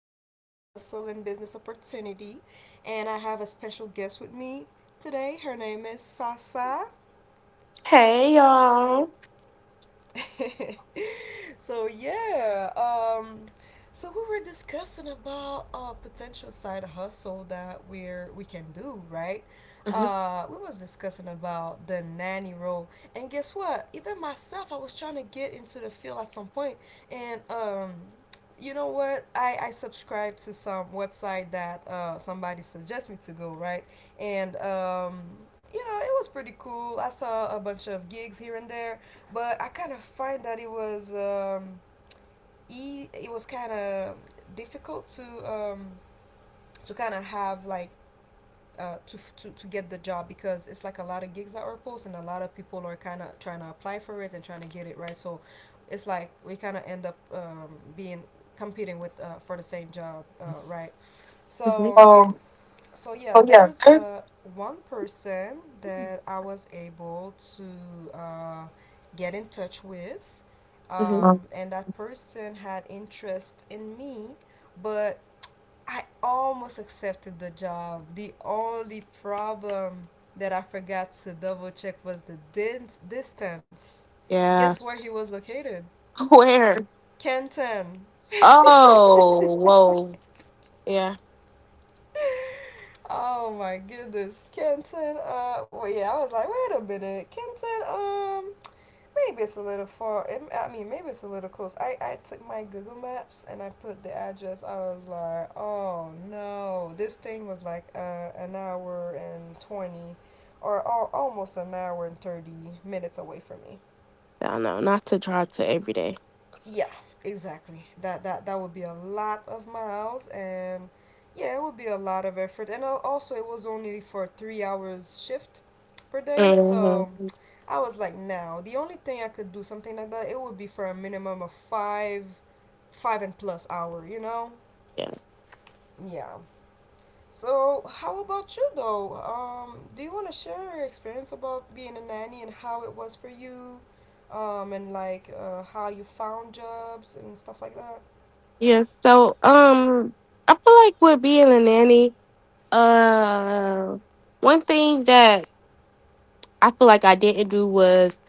side hustle and business opportunity. And I have a special guest with me today. Her name is Sasa. Hey y'all. so yeah um so we were discussing about potential side hustle that we can do, right? hmm We was discussing about the nanny role, and guess what, even myself, I was trying to get into the field at some point. And You know what, I subscribed to some website that somebody suggests me to go, right? and You know, it was pretty cool. I saw a bunch of gigs here and there, but I kind of find that it was kind of difficult to kind of have like to, f- to get the job because it's like a lot of gigs that are posted and a lot of people are kind of trying to apply for it and trying to get it, right? So it's like we kind of end up being competing with for the same job, right? So Oh, so yeah, oh yeah. there's Kirk- one person that I was able to get in touch with, hmm um, and that person had interest in me, but I almost accepted the job. The only problem that I forgot to double check was the distance. Guess Yeah. where he was located? Where? Canton. Oh, whoa. Yeah. Oh my goodness, Kenton. Well, yeah, I was like, wait a minute, Kenton. Maybe it's a little far. It, I mean, maybe it's a little close. I took my Google Maps and I put the address. I was like, oh no, this thing was like an hour and 20, or almost an hour and 30 minutes away from me. I know. Not to try to every day. Yeah, exactly. That would be a lot of miles, and yeah, it would be a lot of effort. And also, it was only for 3 hours shift per day, so hmm I was like, now the only thing I could do something like that, it would be for a minimum of five and plus hour. You know? Yeah. Yeah. So how about you though? Do you want to share your experience about being a nanny and how it was for you? And like how you found jobs and stuff like that? Yeah. I feel like with being a nanny, uh, one thing that I feel like I didn't do was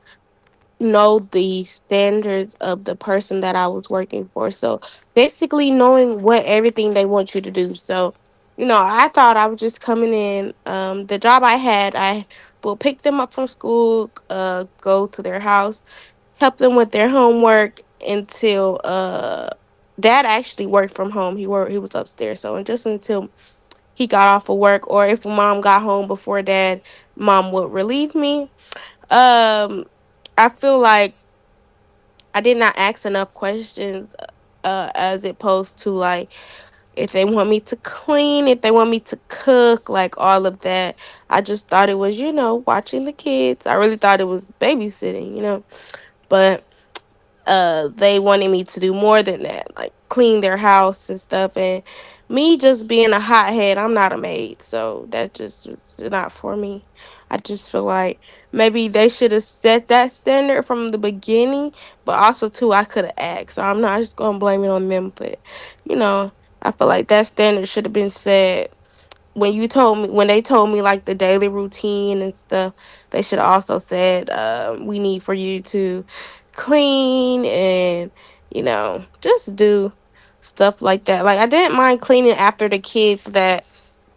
know the standards of the person that I was working for. So basically knowing what everything they want you to do. So, you know, I thought I was just coming in. The job I had, I will pick them up from school, go to their house, help them with their homework until dad actually worked from home. He was upstairs. So and just until he got off of work or if mom got home before dad, mom would relieve me. Um I feel like I did not ask enough questions as opposed to like if they want me to clean, if they want me to cook, like all of that. I just thought it was, you know, watching the kids. I really thought it was babysitting, But they wanted me to do more than that, like clean their house and stuff. And me just being a hothead, I'm not a maid, so that just was not for me. I just feel like maybe they should have set that standard from the beginning, but also too I could have asked. So I'm not just gonna blame it on them, but you know, I feel like that standard should have been set when they told me like the daily routine and stuff they should have also said we need for you to clean and you know just do stuff like that. Like I didn't mind cleaning after the kids that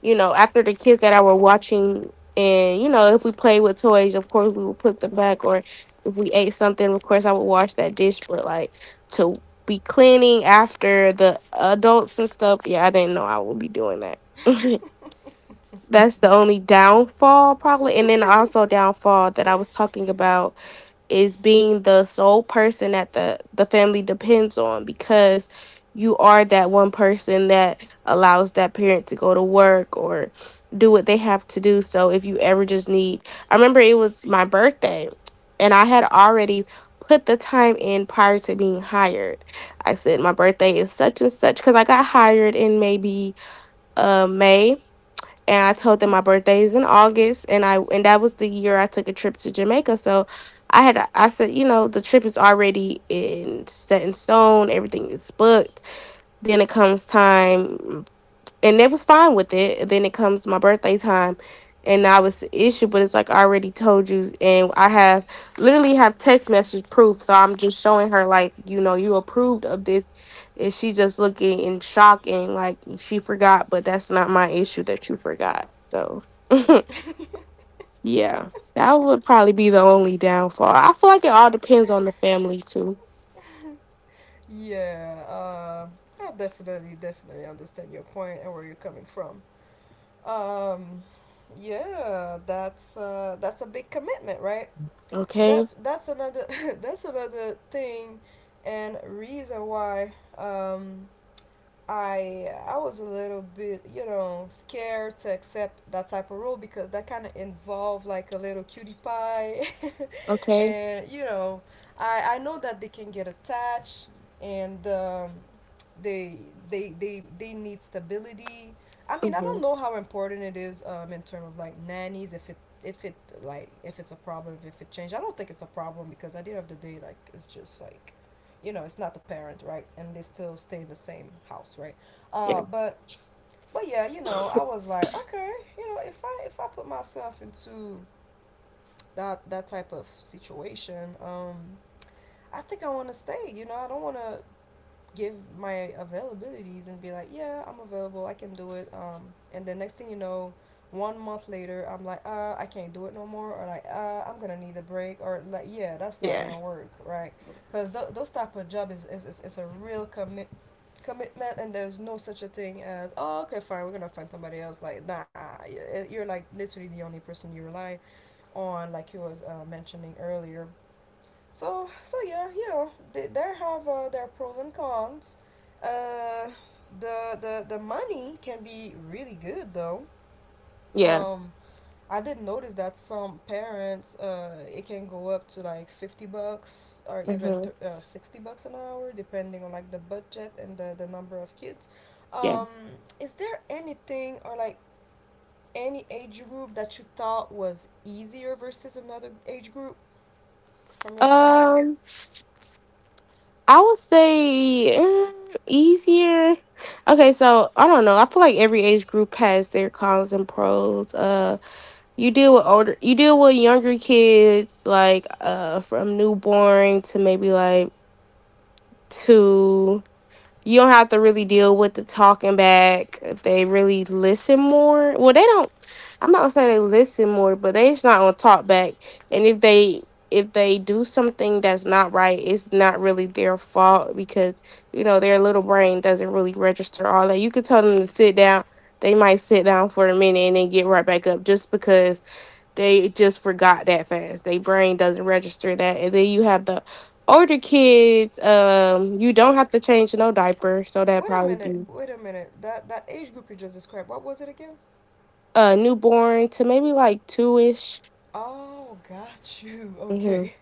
you know after the kids that I were watching. And you know, if we played with toys, of course we would put them back, or if we ate something, of course I would wash that dish. But like to be cleaning after the adults and stuff, yeah, I didn't know I would be doing that. That's the only downfall, probably. And then also downfall that I was talking about is being the sole person that the family depends on, because you are that one person that allows that parent to go to work or do what they have to do. So if you ever just need, I remember it was my birthday and I had already put the time in prior to being hired. I said my birthday is such and such, because I got hired in maybe May, and I Mm-hmm. told them my birthday is in August, and that was the year I took a trip to Jamaica. So I had, I said, you know, the trip is already in set in stone, everything is booked. Then it comes time and they was fine with it. Then it comes my birthday time, and now it's an issue. But it's like I already told you, and I have literally have text message proof. So I'm just showing her like, you know, you approved of this, and she just looking in shock and like she forgot. But that's not my issue that you forgot. So Mm. yeah, that would probably be the only downfall. I feel like it all depends on the family too. Yeah, I definitely, definitely understand your point and where you're coming from. Um, yeah, that's a big commitment, right? Okay. That's another that's another thing and reason why, I was a little bit scared to accept that type of role because that kind of involved like a little cutie pie, Okay. and I know that they can get attached, and they they need stability. I mean, I hmm don't know how important it is, in terms of like nannies, if it, if it like if it's a problem if it changed. I don't think it's a problem because at the end of the day, like it's just like, it's not the parent, right, and they still stay in the same house, right? Yeah. uh but but yeah, I was like, okay, if I, put myself into that type of situation, I think I want to stay. I don't want to give my availabilities and be like, yeah, I'm available, I can do it. And the next thing you know, one month later, I'm like, I can't do it no more, or like, I'm gonna need a break, or like, yeah, that's not Yeah. gonna work, right? Because those type of job is a real commitment, and there's no such a thing as, oh okay fine, we're gonna find somebody else, like nah, you're like literally the only person you rely on, like you was mentioning earlier. So yeah, you know, they have their pros and cons. Uh, the money can be really good though. Yeah. Um, I did notice that some parents, it can go up to like $50, or Yeah. even $60 an hour, depending on like the budget and the number of kids. Yeah. Um, is there anything or like any age group that you thought was easier versus another age group from your point of view? Um. I would say easier. Okay, so I don't know. I feel like every age group has their cons and pros. You deal with older, you deal with younger kids, like from newborn to maybe like two, you don't have to really deal with the talking back. They really listen more. Well, they don't. I'm not gonna say they listen more, but they just not gonna talk back. And if they do something that's not right, it's not really their fault because you know their little brain doesn't really register all that. You could tell them to sit down. They might sit down for a minute and then get right back up just because they just forgot that fast. Their brain doesn't register that. And then you have the older kids. You don't have to change no diaper, so that Wait a probably minute, be wait a minute. That age group you just described, what was it again? Newborn to maybe like two ish. Oh, got you. Mm-hmm. Okay.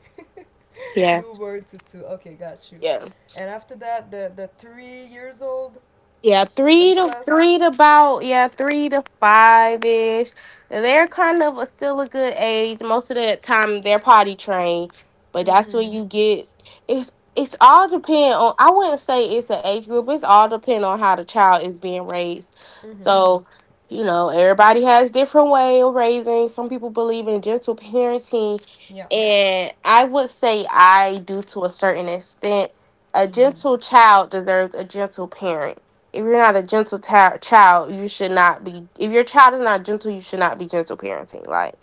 Yeah. Do one to two. Okay, got you. Yeah. And after that, the 3 years old Yeah, and plus. three to about, yeah, three to five ish. They're kind of a, still a good age. Most of the time they're potty trained, but that's Mhm. when you get, it's it's all depend on. I wouldn't say it's an age group. It's all depend on how the child is being raised. Mhm. So you know everybody has different way of raising. Some people believe in gentle parenting, Yeah. and I would say I do to a certain extent. A Mhm. gentle child deserves a gentle parent. If you're not a gentle ta- child, you should not be. If your child is not gentle, you should not be gentle parenting. Like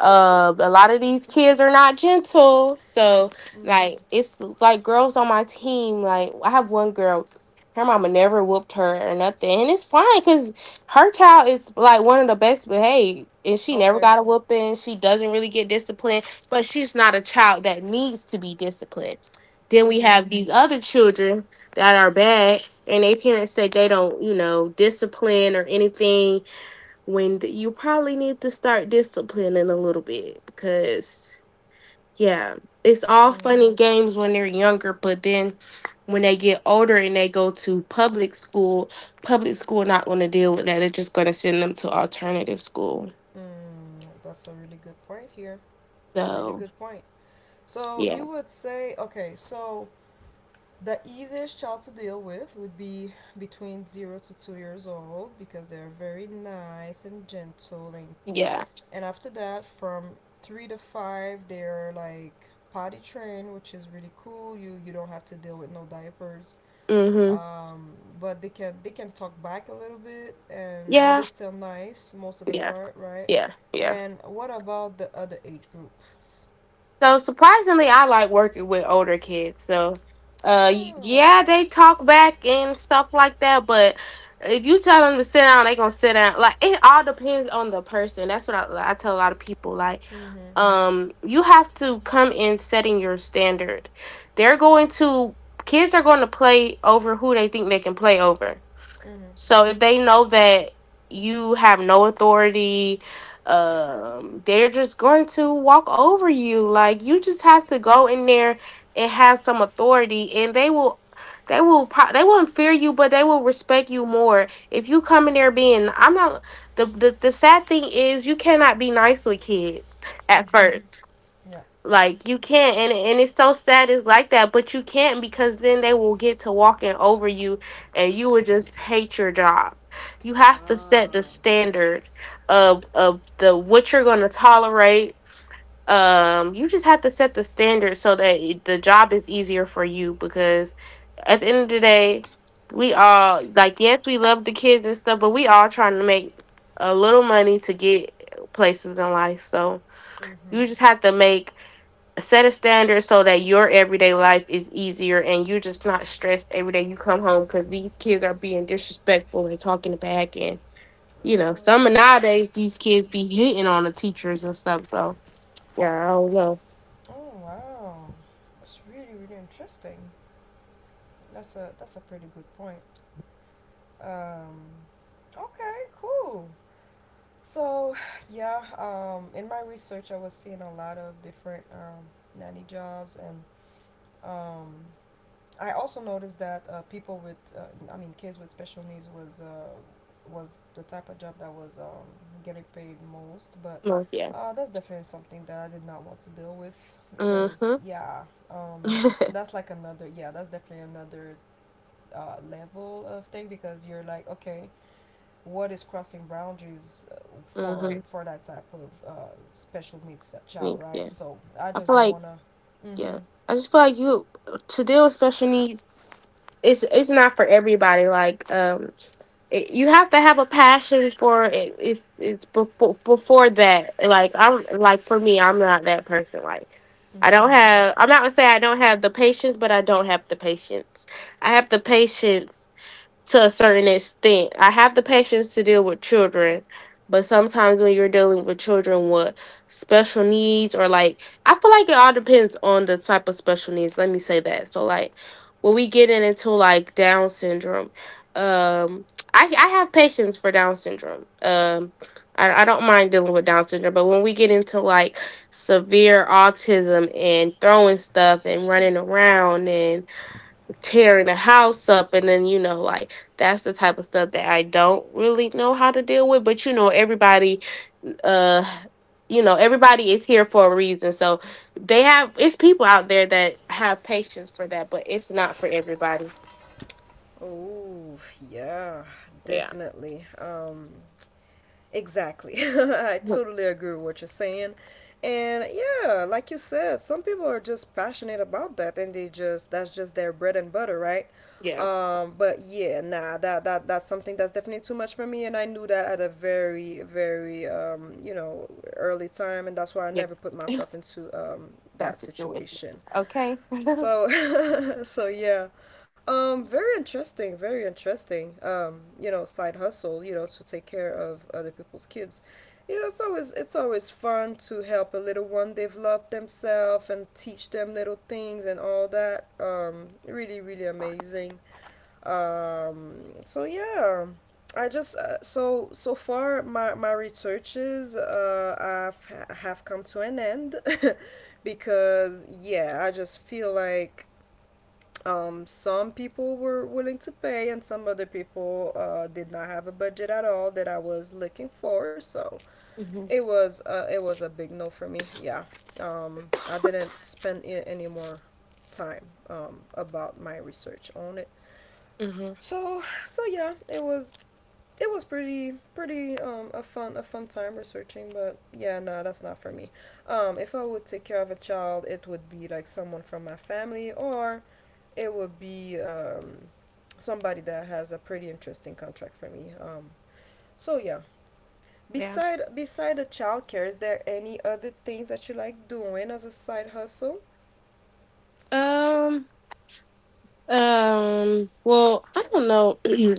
a lot of these kids are not gentle. So Mhm. like it's like girls on my team. Like I have one girl, her mama never whooped her or nothing, and it's fine because her child is like one of the best behaved, and she never Okay. got a whooping. She doesn't really get disciplined, but she's not a child that needs to be disciplined. Then we Mhm. have these other children that are bad, and their parents say they don't, you know, discipline or anything when th- you probably need to start disciplining a little bit because yeah, it's all Mhm. fun and games when they're younger, but then when they get older and they go to public school, not going to deal with that. They're just going to send them to alternative school. Mm, that's a really good point here. Really So good point. So yeah. you would say, okay, so the easiest child to deal with would be between 0 to 2 years old because they're very nice and gentle, Yeah. and after that, from 3 to 5, they're like potty trained, which is really cool. You don't have to deal with no diapers, Mm mhm. um, but they can talk back a little bit, and but Yeah. it's still nice most of the Yeah. part, right? Yeah. Yeah. And what about the other age groups? So surprisingly, I like working with older kids. So, Oh, yeah, okay. they talk back and stuff like that. But if you tell them to sit down, they gonna sit down. Like it all depends on the person. That's what I tell a lot of people. Like, Mhm. You have to come in setting your standard. They're going to Kids are going to play over who they think they can play over. Mhm. So if they know that you have no authority, they're just going to walk over you. Like you just have to go in there and have some authority, and they will. They won't fear you, but they will respect you more if you come in there being. I'm not the the sad thing is you cannot be nice with kids at first, Yeah. like you can't, and it's so sad. It's like that, but you can't, because then they will get to walking over you, and you would just hate your job. You have to set the standard of the what you're going to tolerate. You just have to set the standard so that the job is easier for you because at the end of the day, we all like, yes, we love the kids and stuff, but we all trying to make a little money to get places in life. So Mhm. you just have to make set a standard so that your everyday life is easier and you're just not stressed every day you come home because these kids are being disrespectful and talking back. And you know, some, Oh nowadays, these kids be hitting on the teachers and stuff. So yeah, I don't know. oh wow, that's really, really interesting. That's a pretty good point. Um, okay, cool. So yeah, in my research, I was seeing a lot of different nanny jobs, and um, I also noticed that I mean, kids with special needs was the type of job that was, getting paid most. But No, yeah. That's definitely something that I did not want to deal with because, Mm-hmm. yeah, um, that's like another, yeah, that's definitely another, level of thing because you're like, okay, what is crossing boundaries, for Mm-hmm. That type of special needs that child, Yeah, right? So I I feel just don't like, wanna. yeah, Mm-hmm. I just feel like you, to deal with special needs, it's not for everybody. Like, it, you have to have a passion for it. If it's before that, like I'm like, for me, I'm not that person. Like I don't Mmhmm. have. I'm not gonna say I don't have the patience, but I don't have the patience. I have the patience to a certain extent. I have the patience to deal with children, but sometimes when you're dealing with children with special needs, or like, I feel like it all depends on the type of special needs. Let me say that. So like when we get in into like Down syndrome, um I have patience for Down syndrome. I don't mind dealing with Down syndrome, but when we get into like severe autism and throwing stuff and running around and tearing the house up and then, you know, like that's the type of stuff that I don't really know how to deal with. But you know, everybody, uh you know, everybody is here for a reason. So they have, it's people out there that have patience for that, but it's not for everybody. Oh, yeah, Yeah. definitely. Exactly. I totally agree with what you're saying. And yeah, like you said, some people are just passionate about that, and they just that's just their bread and butter, right? Yeah. But yeah, nah, that that's something that's definitely too much for me, and I knew that at a very, very, early time, and that's why I Yeah, never put myself into that that situation. situation. Okay. So So yeah, very interesting, very interesting. Side hustle, to take care of other people's kids. You know, it's always fun to help a little one develop themselves and teach them little things and all that. Really, really amazing. Um, so yeah, I just so so far my researches have come to an end. Because yeah, I just feel like, some people were willing to pay, and some other people did not have a budget at all that I was looking for. So Mhm. It was a big no for me. Yeah, I didn't spend any more time about my research on it. Mhm. So yeah, it was pretty a fun time researching, but yeah no, that's not for me. If I would take care of a child, it would be like someone from my family, or it would be somebody that has a pretty interesting contract for me. So yeah, Yeah. Beside the childcare, is there any other things that you like doing as a side hustle? Um Um, well, I don't know.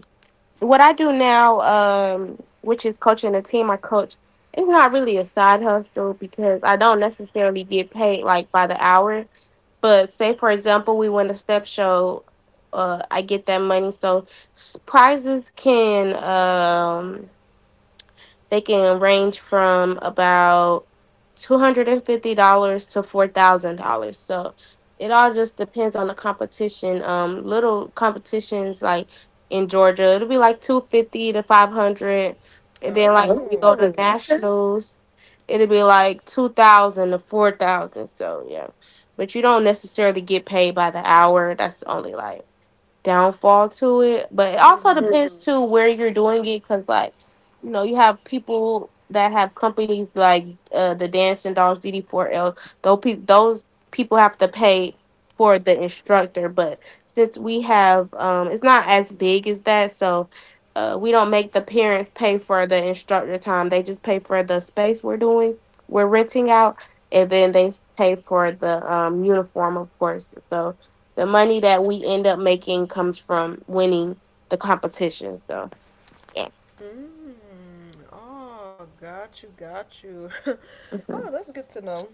What I do now, which is coaching a team I coach, it's not really side hustle because I don't necessarily get paid like by the hour. But say for example, we win a step show, I get that money. So prizes can they can range from about $250 to $4,000. So it all just depends on the competition. Little competitions like in Georgia, it'll be like 250 to 500. And then like when we Oh, go to okay. nationals, it'll be like 2000 to 4000. So yeah. But you don't necessarily get paid by the hour. That's only like downfall to it. But it also Mm-hmm. depends, mm-hmm, too, where you're doing it, because like you know you have people that have companies like the Dancing Dolls, DD4L. Those people have to pay for the instructor, but since we have it's not as big as that, so. We don't make the parents pay for the instructor time. They just pay for the space we're renting out, and then they pay for the uniform, of course. So the money that we end up making comes from winning the competition. So yeah. Mm, oh, got you, got you. Oh, Hmm. that's good to know.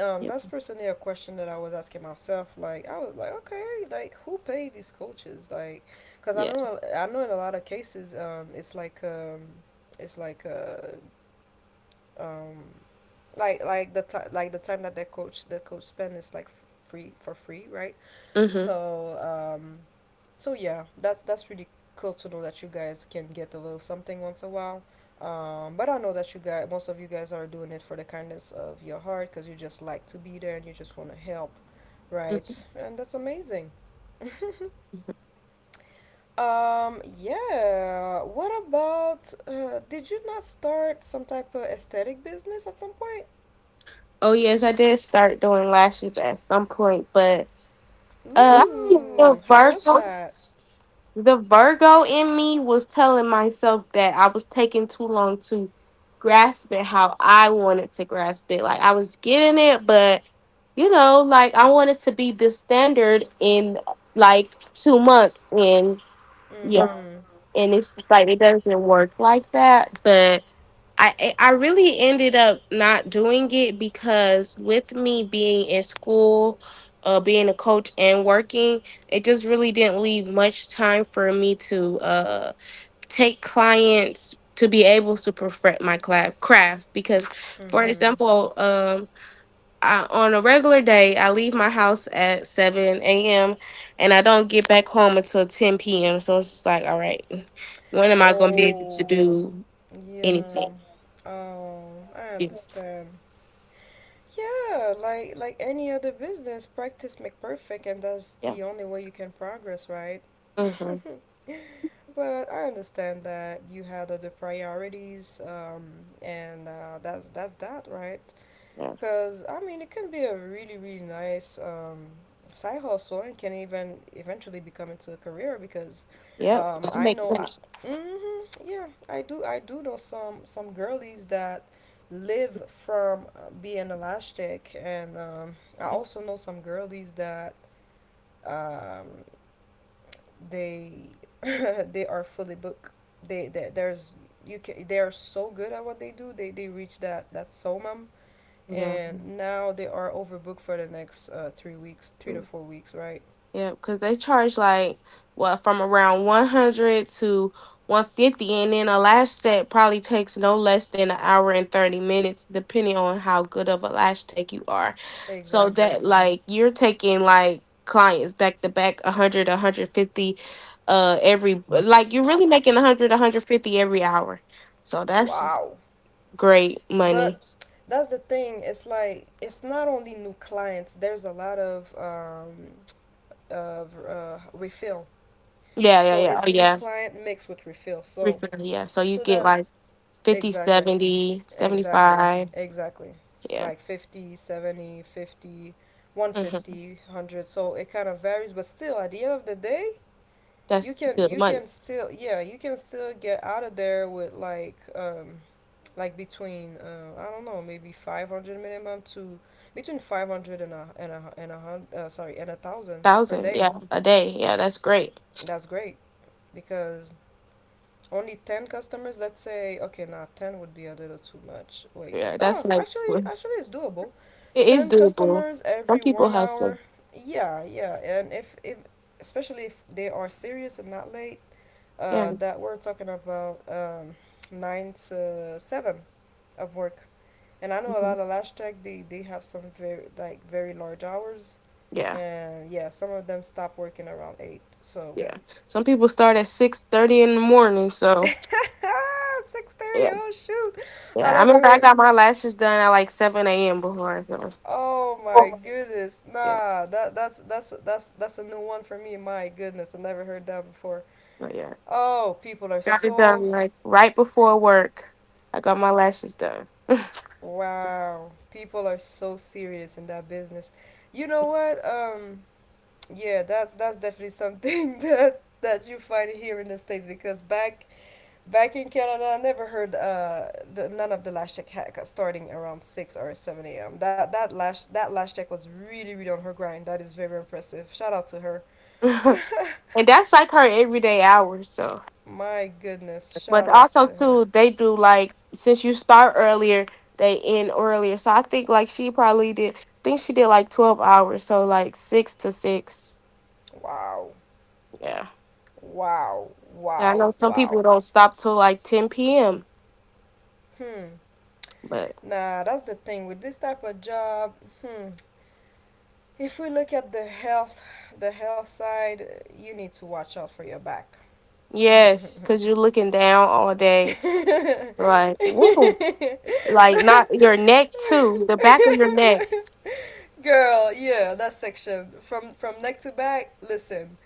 Yep. That's personally a question that I was asking myself. Like, I was like, okay, like who paid these coaches? Like, cause Yeah. I know in a lot of cases, it's like, it's like uh, um, like, the time, like the time that the coach spend is like free for free, right? Hmm. So, yeah, that's really cool to know that you guys can get a little something once a while. But I know that you guys, most of you guys, are doing it for the kindness of your heart because you just like to be there and you just want to help, right? And that's amazing. Yeah. What about? Did you not start some type of aesthetic business at some point? Oh yes, I did start doing lashes at some point, but I think the Ooh, how was Virgo, that? the Virgo in me was telling myself that I was taking too long to grasp it how I wanted to grasp it. Like I was getting it, but you know, like I wanted to be the standard in like 2 months, and yeah. Mm-hmm. And it's just like it doesn't work like that, but I really ended up not doing it because with me being in school, being a coach and working, it just really didn't leave much time for me to take clients to be able to perfect my craft. Because for Mm-hmm. example, I, on a regular day, I leave my house at 7 a.m. and I don't get back home until 10 p.m. So it's just like, all right, when am I going to be able to Oh. do Yeah. anything? Oh, I Yeah. understand. Yeah, like any other business, practice make perfect, and that's the only way you can progress, right? Mm-hmm. But I understand that you had other priorities, and that's that, right? Yeah. Because, I mean, it can be a really, really nice side hustle and can even eventually become into a career because Yep. I Makes know I. sense. Yeah, I do. I do know some girlies that live from being elastic, and I also know some girlies that um, they they are fully booked. They there's you can they are so good at what they do. They reach that soul, Yeah. and now they are overbooked for the next 3 weeks, 3 to 4 weeks, right? Yeah, because they charge like what from around 100 to 150, and then a lash set probably takes no less than an hour and 30 minutes, depending on how good of a lash tech you are. So Exactly. that like you're taking like clients back to back, a hundred 50, every like you're really making a hundred 50 every hour. So that's just Wow. great money. But that's the thing. It's like, it's not only new clients. There's a lot of refill. Yeah, yeah, So yeah. Oh it's new yeah, client mixed with refill. So refill, yeah. So you so get that like 50, exactly, 70, seventy exactly, five. exactly. It's Yeah. like 50, 70, 50, one hundred Hmm. fifty, 100. So it kind of varies, but still at the end of the day, you That's can good you money. can still, yeah, you can still get out of there with like between I don't know, maybe 500 minimum to between 500 and a hundred, sorry, and 1,000 per Thousand, day. yeah, a day. Yeah, that's great. That's great, because only 10 customers, let's say. Okay, now 10 would be a little too much. Wait, Yeah, that's oh, like actually actually it's doable. it is 10 doable. customers Some every people one hustle. hour Yeah, yeah. And if especially if they are serious and not late, Yeah, that we're talking about 9 to 7 of work. And I know a hmm lot of lash tech, they have some very, like, very large hours. yeah, And yeah, some of them stop working around 8. So yeah. Some people start at 6:30 in the morning. So 6:30, yeah, oh shoot. yeah. I I never remember I heard, got my lashes done at like seven a.m. before. So oh my oh, goodness. yeah, Nah, that's a new one for me. My goodness, I never heard that before. but yeah, Oh, people are got it so done like right before work. I got my lashes done. Wow, people are so serious in that business. You know what? Yeah, that's definitely something that you find here in the States, because back in Canada, I never heard none of the lash check hack starting around 6 or 7 a.m. That lash check was really, really on her grind. That is very impressive. Shout out to her. And that's like her everyday hours. So. My goodness, But shout outs also to her. too, they do like since you start earlier, they end earlier. So I think like she probably did. Think she did like 12 hours, so like six to six. Wow, Yeah. wow, Yeah, I know wow, some people wow. don't stop till like ten p.m. Hmm. But Nah, that's the thing with this type of job. Hmm. If we look at the health side, you need to watch out for your back. yes, because you're looking down all day, like woo, like not your neck too, the back of your neck. Girl, yeah, that section from neck to back. Listen,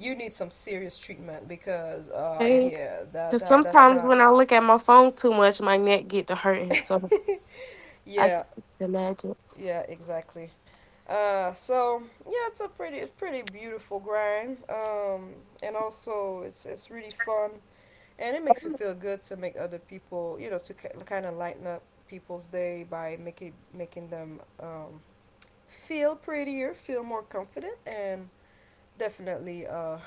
you need some serious treatment, because Okay. yeah, that Because that that's sometimes not. when I look at my phone too much, my neck get to hurting. So I Yeah, can just imagine. yeah, exactly. So yeah, it's pretty beautiful grind. And also it's really fun, and it makes you feel good to make other people, to kind of lighten up people's day by making them feel prettier, feel more confident, and definitely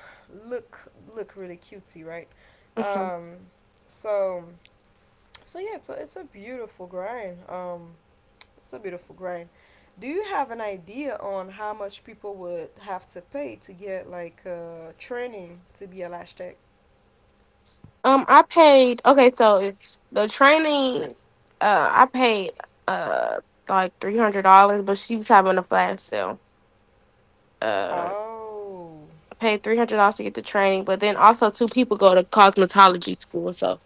look really cutesy, right? Um, so so yeah, it's a beautiful grind. It's a beautiful grind. Do you have an idea on how much people would have to pay to get like training to be a lash tech? I paid. Okay, so if the training, I paid uh like $300, but she was having a flash sale. Uh, Oh, I paid $300 to get the training, but then also two people go to cosmetology school, so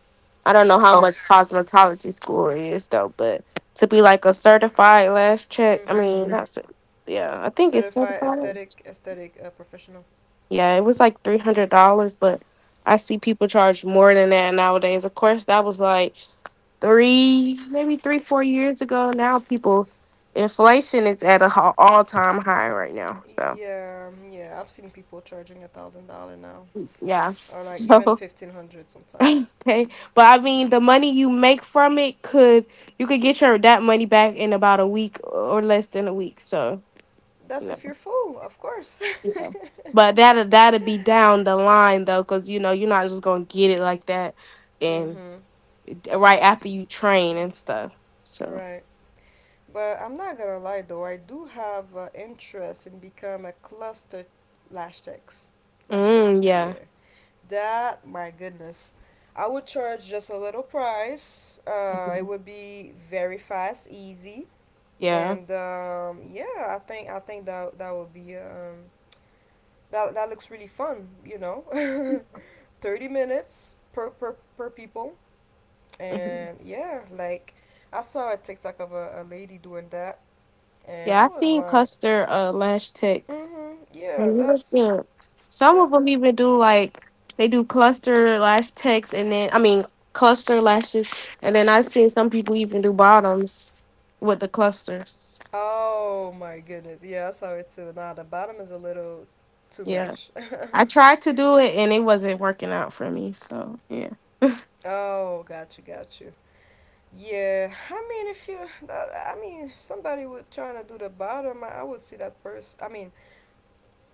I don't know how, oh, okay. much cosmetology school is though. But to be like a certified last check, I mean, Mhm. not yeah, I think it's Certified certified. aesthetic professional. Yeah, it was like $300, but I see people charge more than that nowadays. Of course, that was like three, maybe three, 4 years ago. Now people, inflation is at a all time high right now. So Yeah, yeah. I've seen people charging $1,000 now, yeah, or like even so 1,500 sometimes. okay, but I mean the money you make from it could, you could get your that money back in about a week or less than a week. So you That's know, if you're full, of course. yeah. But that that'll be down the line though, because you know you're not just gonna get it like that, and Mhm. right after you train and stuff. So Right. But I'm not gonna lie though, I do have interest in become a cluster lash techs. Lash tech, yeah. yeah. That, my goodness. I would charge just a little price. It Mhm. would be very fast, easy, Yeah. and yeah, I think that that would be, that looks really fun. 30 minutes per per people, Mhm. and yeah, like I saw a TikTok of a lady doing that, and I Yeah, I was seen like. cluster lash techs, Mm-hmm. Yeah, and it was that's good. Some of them that's. even do like they do cluster lash techs, and then I mean cluster lashes, and then I've seen some people even do bottoms with the clusters. Oh my goodness. Yeah, I saw it too. Nah, the bottom is a little too Yeah, much. I tried to do it, and it wasn't working out for me. So yeah. Oh, got you, got you. Yeah, I mean, if you, I mean, if somebody would trying to do the bottom, I would see that person. I mean,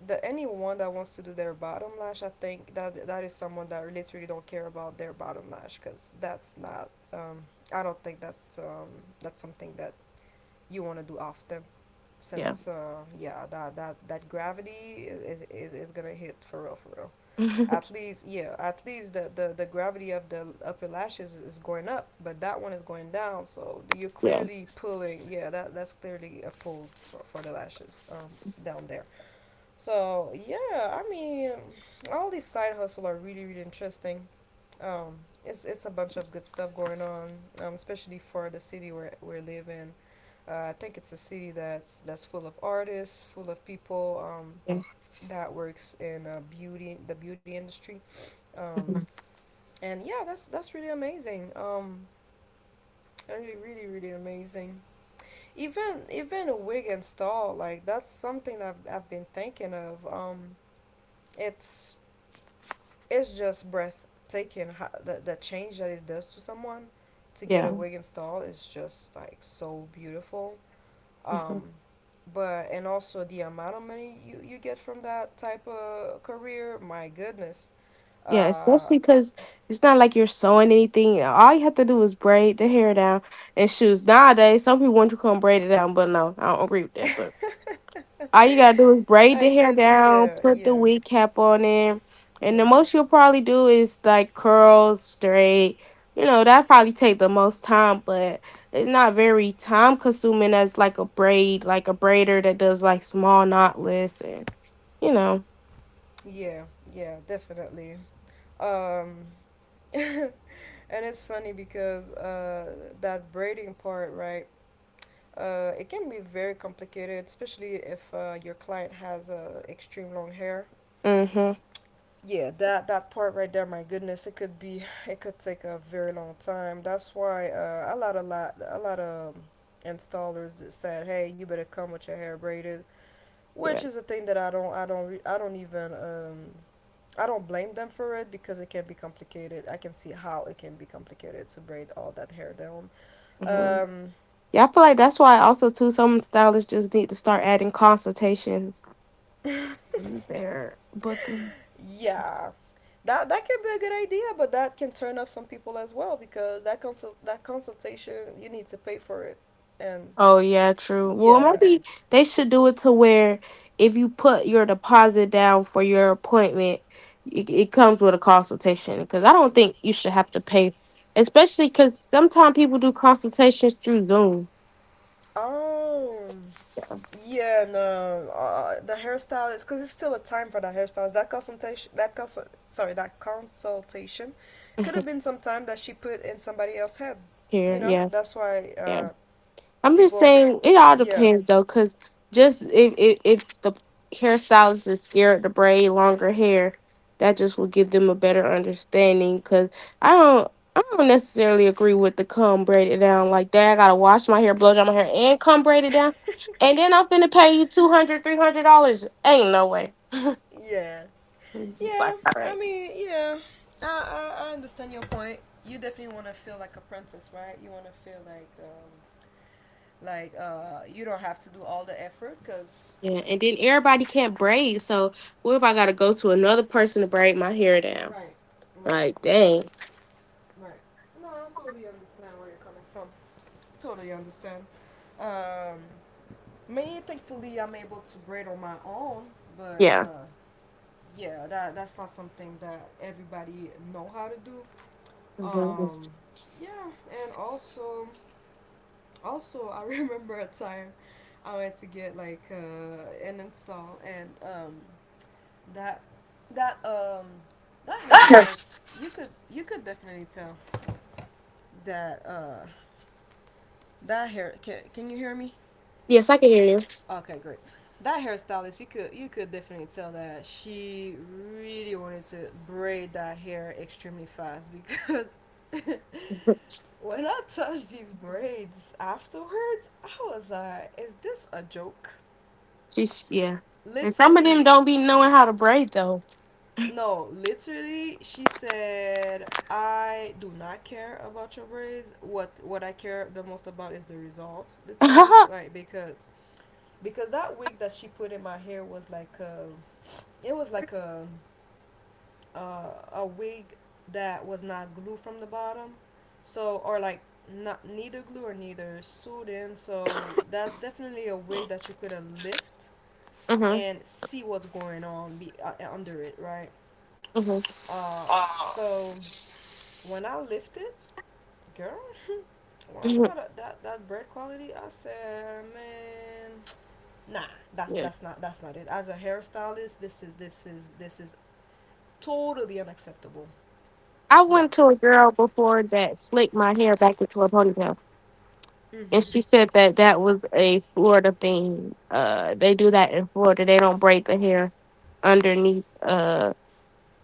the anyone that wants to do their bottom lash, I think that that is someone that literally don't care about their bottom lash, cause that's not. I don't think that's something that you want to do often, Yeah. since yeah, that gravity is gonna hit for real for real. At least, yeah, at least the gravity of the upper lashes is going up, but that one is going down, so you're Yeah, clearly pulling. Yeah, that's clearly a pull for the lashes, down there. So yeah, I mean, all these side hustle are really, really interesting. um it's a bunch of good stuff going on, especially for the city where we live in. I think it's a city that's full of artists, full of people, yeah. that works in beauty, the beauty industry, um, and yeah, that's really amazing. Really, really, really amazing. Even a wig and stall, like, that's something I've been thinking of. It's it's just breathtaking. How, the change that it does to someone to get Yeah. a wig installed is just like so beautiful. um, but and also the amount of money you get from that type of career, my goodness. Yeah, uh, especially because it's not like you're sewing anything. All you have to do is braid the hair down and shoes. Nowadays, some people want you to come braid it down, but no, I don't agree with that. But all you gotta do is braid I the hair did, down, yeah, put the yeah, wig cap on there, and the yeah, most you'll probably do is like curls straight. You know, that probably take the most time, but it's not very time consuming as like a braid, like a braider that does like small knotless and you know. yeah, yeah, definitely. um, and it's funny because that braiding part, right, it can be very complicated, especially if your client has extreme long hair. Mhm. Yeah, that part right there, my goodness, it could take a very long time. That's why a lot of installers that said, hey, you better come with your hair braided, which is Yes. a thing that I don't re- I don't even I don't blame them for it, because it can be complicated. I can see how it can be complicated to braid all that hair down. Hmm. Yeah. um Yeah, I feel like that's why also too some stylists just need to start adding consultations in their booking. yeah, that can be a good idea, but that can turn off some people as well, because that consultation, you need to pay for it, and Oh yeah, true. Well, Yeah. maybe they should do it to where if you put your deposit down for your appointment, it comes with a consultation. Because I don't think you should have to pay, especially because sometimes people do consultations through Zoom. Oh. Yeah, no. The hairstylist, because there's still a time for the hairstylist. That consultation, that consult, sorry, that consultation, could have been some time that she put in somebody else's head. Here, yeah, That's why yeah. I'm just people. saying it all Yeah. depends though, cause just if the hairstylist is scared to braid longer hair, that just will give them a better understanding. Cause I don't necessarily agree with the comb braided down like that. I gotta wash my hair, blow dry my hair, and comb braid it down, and then I'm finna pay you 200, $300. Ain't no way. Yeah. It's just like Yeah. all I right. mean, yeah. I understand your point. You definitely want to feel like a princess, right? You want to feel like you don't have to do all the effort, because Yeah, and then everybody can't braid. So what if I gotta go to another person to braid my hair down? Right, right, Like, right, dang. right. No, I totally understand where you're coming from. Totally understand. Um, me, thankfully, I'm able to braid on my own, but Yeah. Yeah, that's not something that everybody know how to do. Mhm. Um, yeah, and also, I remember a time I went to get like an install, and that that um that hairstylist, you could definitely tell that that hair can you hear me? Yes, I can hear you. Okay, great. That hairstylist, you could definitely tell that she really wanted to braid that hair extremely fast, because when I touched these braids afterwards, I was like, is this a joke? She's yeah, and some of them Literally. don't be knowing how to braid though. No, literally, she said, I do not care about your braids. What I care the most about is the results, literally, Mhm, like, because that wig that she put in my hair was like a, it was like a a wig, that was not glue from the bottom, so, or like, not neither glue or neither sewed in. So that's definitely a wig that you could have lift and see what's going on be under it, right? mhm, Uh, so when I lifted, girl, when I mhm. saw that bread quality, I said, man, nah, Yeah, that's not it. As a hairstylist, this is totally unacceptable. I Yeah, went to a girl before that slicked my hair back into a ponytail, and mm-hmm, she said that that was a Florida thing. They do that in Florida. They don't braid the hair underneath.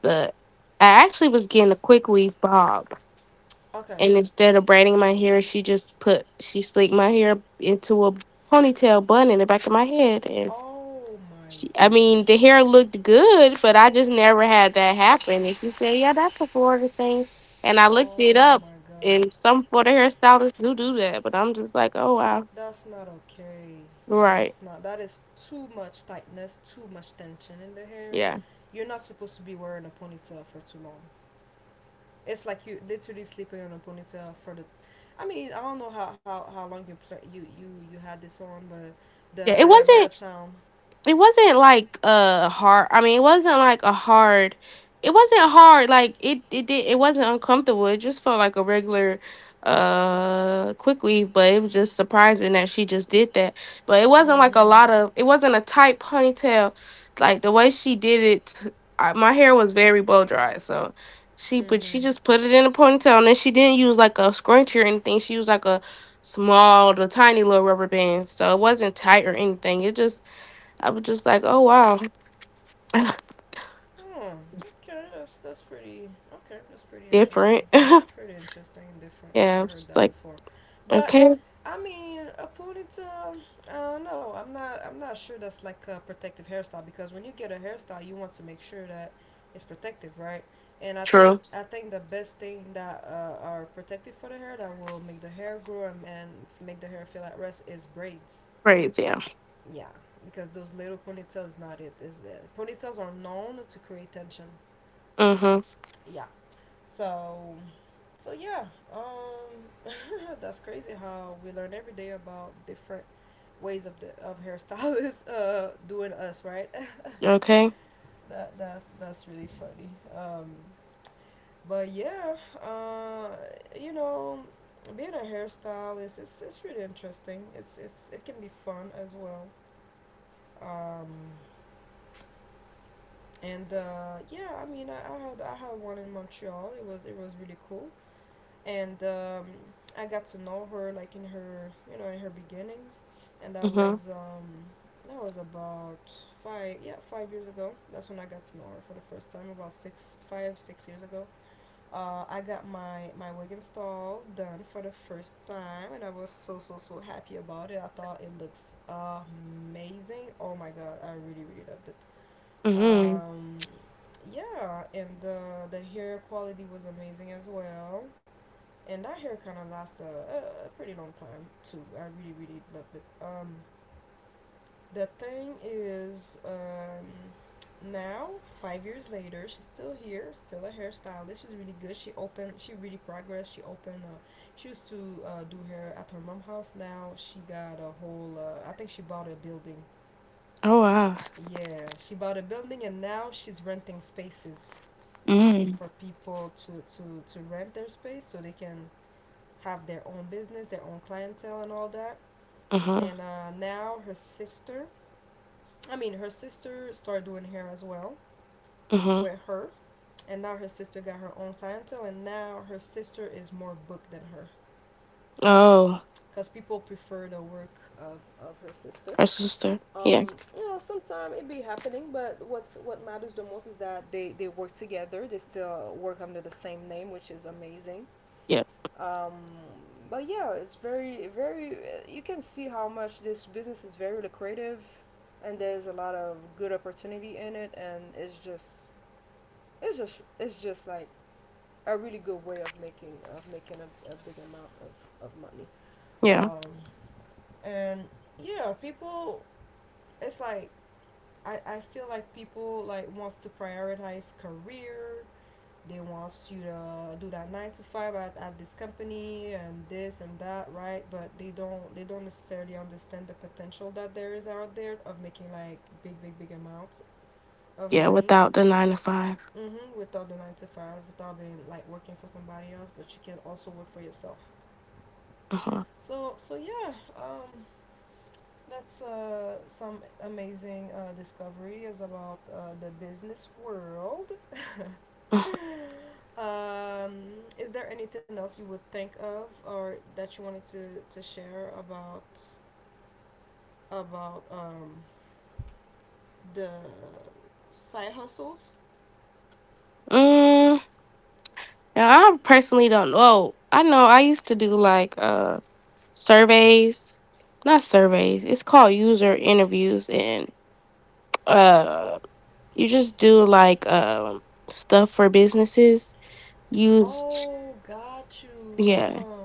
The I actually was getting a quick weave bob, okay. and instead of braiding my hair, she just put she slicked my hair into a ponytail bun in the back of my head, and Oh my she, I mean, the goodness. hair looked good, but I just never had that happen. And she said, "Yeah, that's a Florida thing." And I looked it Oh up, my god. and some Florida hairstylists do do that. But I'm just like, "Oh wow, That's not okay. right? that's not That is too much tightness, too much tension in the hair. Yeah, You're not supposed to be wearing a ponytail for too long. It's like you literally sleeping on a ponytail for the I mean, I don't know how long you play you had this on, but yeah." the It the amount of wasn't. time. It wasn't like a hard, I mean it wasn't like a hard, it wasn't hard like it did, it wasn't uncomfortable, it just felt like a regular quick weave, but it was just surprising that she just did that. But it wasn't like a Mm-hmm. lot of, it wasn't a tight ponytail like the way she did it. I, my hair was very blow dry, so she just Mm-hmm. put it in a ponytail, and then she didn't use like a scrunchie or anything, she used like a small, the tiny little rubber band, so it wasn't tight or anything, it just, I was just like, oh wow. Oh, okay. That's pretty. Okay, that's pretty interesting. Different. Yeah, Pretty interesting and different. I Never was heard just that like, before. But okay, I mean, a ponytail. I don't know. I'm not sure that's like a protective hairstyle, because when you get a hairstyle, you want to make sure that it's protective, right? And I true, think I think the best thing that are protective for the hair that will make the hair grow and make the hair feel at rest is braids. crazy. Yeah. Yeah, because those little ponytails is not it. Ponytails are known to create tension. Mm-hmm. Yeah. So so um that's crazy how we learn every day about different ways of the of hairstylists doing us, right? Okay. That's really funny. Um but yeah, uh you know, being a hairstylist it's really interesting. It's it can be fun as well. Um and yeah, I mean, I had one in Montreal. It was really cool, and I got to know her like in her in her beginnings, and Mm-hmm. That was about 5 years ago. That's when I got to know her for the first time about six years ago. I got my wig install done for the first time, and I was so so so happy about it. I thought it looks amazing. Oh my god, I really really loved it. Mm-hmm. Um, yeah, and the hair quality was amazing as well. And that hair kind of lasted a pretty long time too. I really really loved it. The thing is, now 5 years later, she's still here, still a hairstylist. She's really good. She really progressed. She opened, she used to do hair at her mom's house. Now she got a whole. I think she bought a building. Oh wow. Yeah, she bought a building, and now she's renting spaces Mm. for people to, to rent their space so they can have their own business, their own clientele, and all that. Mm-hmm. And now her sister, I mean, her sister started doing hair as well Mm-hmm. with her. And now her sister got her own clientele, and now her sister is more booked than her Oh, because people prefer the work of her sister. her sister. Yeah. Um, you know, sometimes it be happening, but what matters the most is that they work together. They still work under the same name, which is amazing. Yeah. um, but yeah, it's very you can see how much this business is very lucrative, and there's a lot of good opportunity in it, and it's just like a really good way of making a big amount of money. Yeah, Um, and Yeah, people, it's like I feel like people like wants to prioritize career. They want you to do that nine to five at this company and this and that, right? But they don't necessarily understand the potential that there is out there of making like big big big amounts of yeah, money. without the 9 to 5. Mm-hmm, without the nine to five, without being like working for somebody else, but you can also work for yourself. Uh-huh. So yeah, that's some amazing discoveries about the business world. Uh-huh. Um, is there anything else you would think of or that you wanted to share about about um, the side hustles? Mm, yeah, I personally don't know. I know I used to do like surveys, not surveys. It's called user interviews, and uh you just do like stuff for businesses. Use Oh, got you. Uh yeah. huh.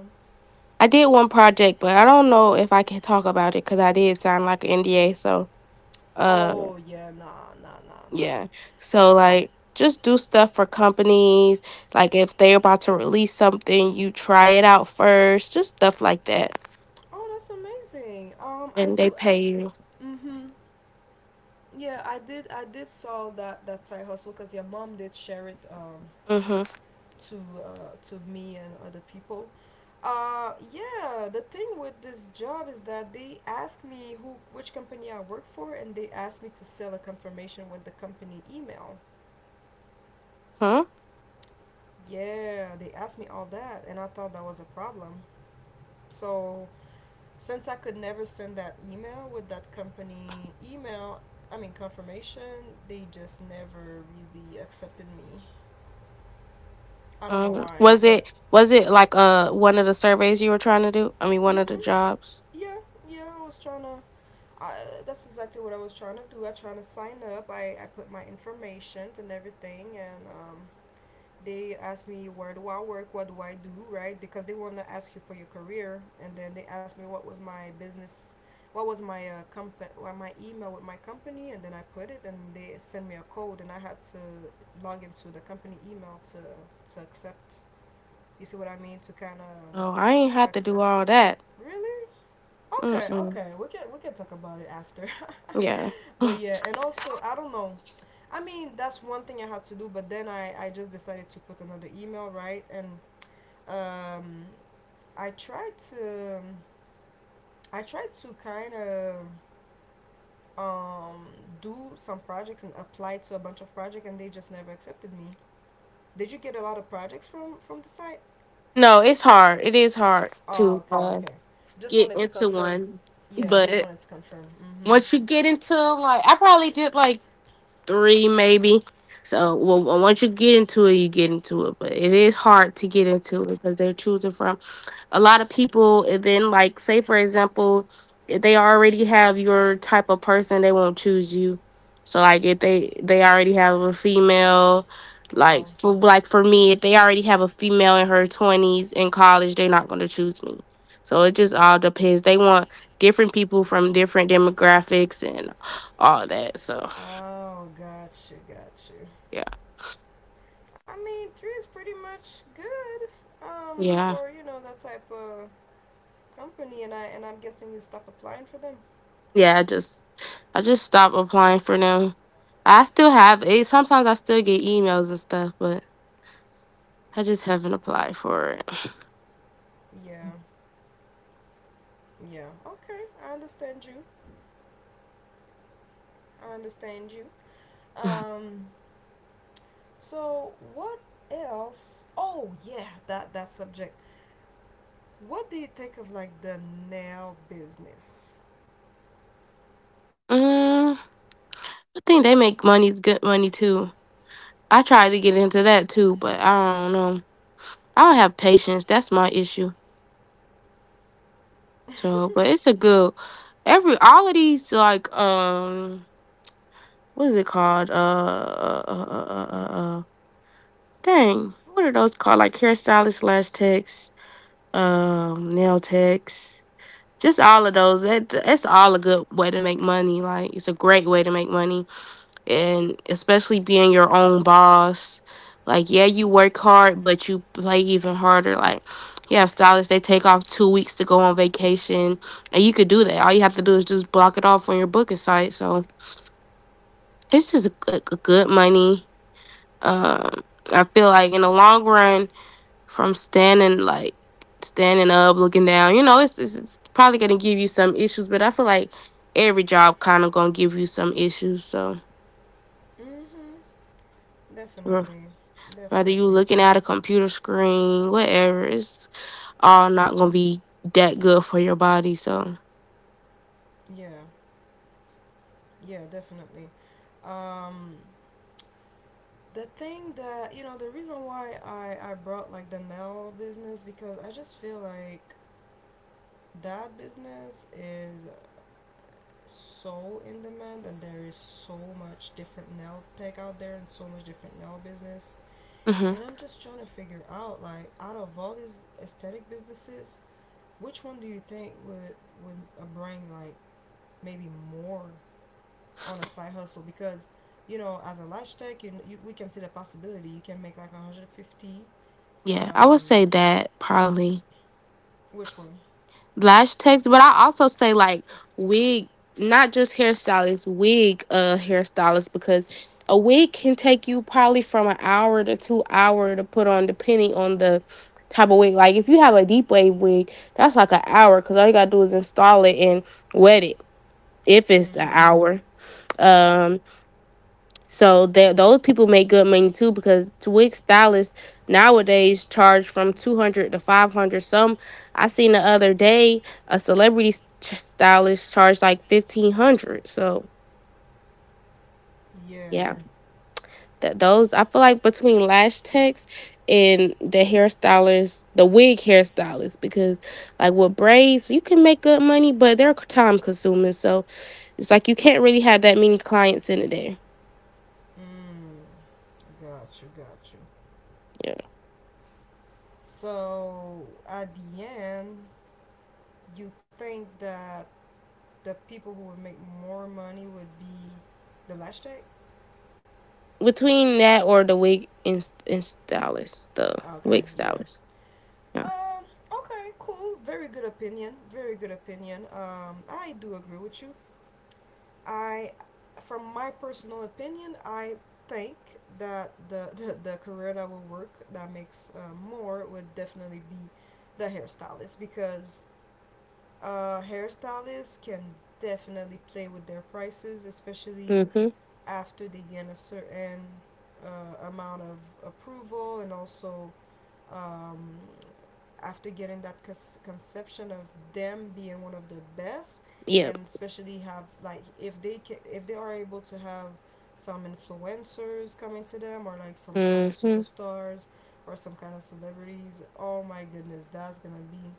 I did one project, but I don't know if I can talk about it cuz I did sign like an NDA, so uh Oh yeah, nah, nah, nah, nah. yeah. So Okay. like just do stuff for companies. Like if they're about to release something, you try it out first. Just stuff like that. Oh, that's amazing. I And do. they I. pay you. Mhm. Yeah, I did saw that side hustle because your mom did share it. Mhm. To to me and other people. Yeah, the thing with this job is that they ask me who which company I work for, and they ask me to sell a confirmation with the company email. Huh? Yeah, they asked me all that, and I thought that was a problem. So since I could never send that email with that company email, I mean confirmation, they just never really accepted me. I don't know Mm. why, Was but it like one of the surveys you were trying to do? I mean one of mm-hmm. the jobs? yeah, yeah, I was trying to I, that's exactly what I was trying to do. I trying to sign up. I put my information and everything, and they asked me where do I work, what do I do, right? Because they want to ask you for your career, and then they asked me what was my business, what was my well, my email with my company, and then I put it, and they sent me a code, and I had to log into the company email to accept. You see what I mean? To kind Oh, I ain't of had to accept. do all that. Really? Okay, Mm-mm. okay. We can talk about it after. Yeah. But yeah, and also I don't know. I mean, that's one thing I had to do, but then I just decided to put another email, right? And um I tried to kind of um do some projects and apply to a bunch of projects, and they just never accepted me. Did you get a lot of projects from the site? No, it's hard. It is hard Oh, to okay, okay. Just get wanted to into confirm. one. Yeah, just But wanted to confirm. Mhm. once you get into like I probably did like three maybe. So well, once you get into it, you get into it. But it is hard to get into it because they're choosing from a lot of people. And then, like say for example, if they already have your type of person, they won't choose you. So like if they already have a female, Wow. like for me, if they already have a female in her twenties in college, they're not going to choose me. So it just all depends. They want different people from different demographics and all that. So Oh, got you, got you. yeah. I mean, three is pretty much good, Yeah. for you know that type of company, and I'm guessing you stop applying for them. Yeah, I just stopped applying for them. I still have it. Sometimes I still get emails and stuff, but I just haven't applied for it. Yeah, yeah. Okay, I understand you. I understand you. Um, so what else? Oh yeah, that subject. What do you think of like the nail business? Mm, I think they make money, good money too. I tried to get into that too, but I don't know. I don't have patience. That's my issue. So, but it's a good every all of these like what is it called dang, what are those called, like hairstylist slash techs, nail techs, just all of those, that's all a good way to make money. Like it's a great way to make money, and especially being your own boss. Like, yeah, you work hard, but you play even harder. Like you have stylists, they take off 2 weeks to go on vacation, and you could do that. All you have to do is just block it off on your booking site. So it's just a good money. um I feel like in the long run, from standing up, looking down. You know, it's probably gonna give you some issues, but I feel like every job kind of gonna give you some issues. So Mm-hmm. r- Definitely, whether you definitely. looking at a computer screen, whatever, it's all not gonna be that good for your body. So Yeah, yeah, definitely. Um, the thing that you know the reason why I brought like the nail business because I just feel like that business is so in demand, and there is so much different nail tech out there and so much different nail business, hmm and I'm just trying to figure out like out of all these aesthetic businesses which one do you think would bring like maybe more on a side hustle because you know as a lash tech you we can see the possibility you can make like 150. yeah, I would um, say that probably. which one? Lash techs, but I also say like wig, not just hairstylists, wig hairstylists, because a wig can take you probably from an hour to 2 hour to put on depending on the type of wig. Like if you have a deep wave wig, that's like an hour, because all you gotta do is install it and wet it if it's an Mm-hmm. hour. Um so that those people make good money too, because wig stylists nowadays charge from 200 to 500. Some, I seen the other day, a celebrity stylist charged like 1,500. So Yeah. yeah, that those, I feel like between lash techs and the hairstylist, the wig hairstylist, because like with braids you can make good money, but they're time consuming. So it's like you can't really have that many clients in a day. Mm. Got you. Got you. So at the end, you think that the people who would make more money would be the lash tech? Between that or the wig and stylist, the Okay. wig Yeah. stylist. Yeah. Um. Okay. Cool. Very good opinion. Very good opinion. I do agree with you. I, from my personal opinion, I think that the career that will work that makes more would definitely be the hairstylist because hairstylists can definitely play with their prices, especially Mm-hmm. after they get a certain amount of approval, and also um, after getting that conception of them being one of the best, Yep. and especially have like if they are able to have some influencers coming to them or like some kind of Mm-hmm. superstars or some kind of celebrities. Oh my goodness, that's gonna be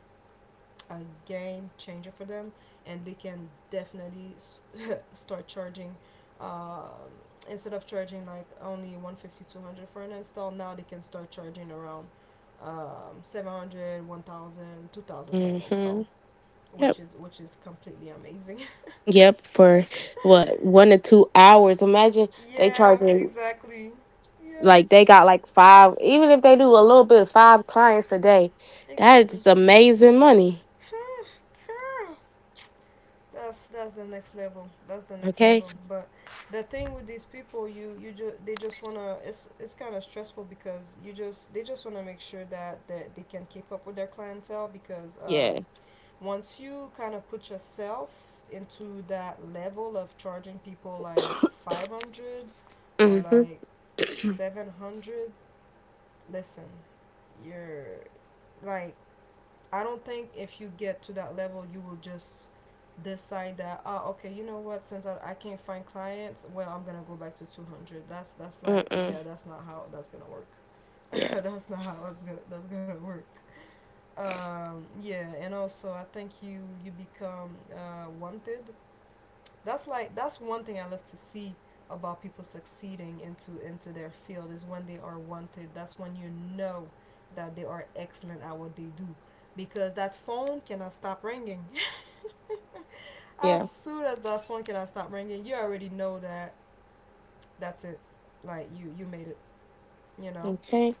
a game changer for them, and they can definitely start charging. Uh, Instead of charging like only 150, 200 for an install, now they can start charging around 700 for an install, Mm-hmm. Yep. which is completely amazing. Yep. For what, 1 to 2 hours? Imagine they Yeah, charging exactly. Yeah, like they got like five. Even if they do a little bit of five clients a day, that exactly. is amazing money. Girl, that's the next level. That's the next Okay. level. But the thing with these people, you just they just wanna. It's kind of stressful because you just they just wanna make sure that they can keep up with their clientele because Yeah. once you kind of put yourself into that level of charging people like 500 or Mm-hmm. like 700, listen, you're like I don't think if you get to that level, you will just decide that oh okay, you know what, since I can't find clients, well I'm gonna go back to 200. That's like Mm-mm. yeah, that's not how that's gonna work. Yeah. that's not how it's gonna that's gonna work. Yeah, and also I think you become wanted. That's like that's one thing I love to see about people succeeding into their field is when they are wanted. That's when you know that they are excellent at what they do because that phone cannot stop ringing. Yeah. As soon as that phone cannot stop ringing, you already know that that's it. Like you made it, you know? Okay.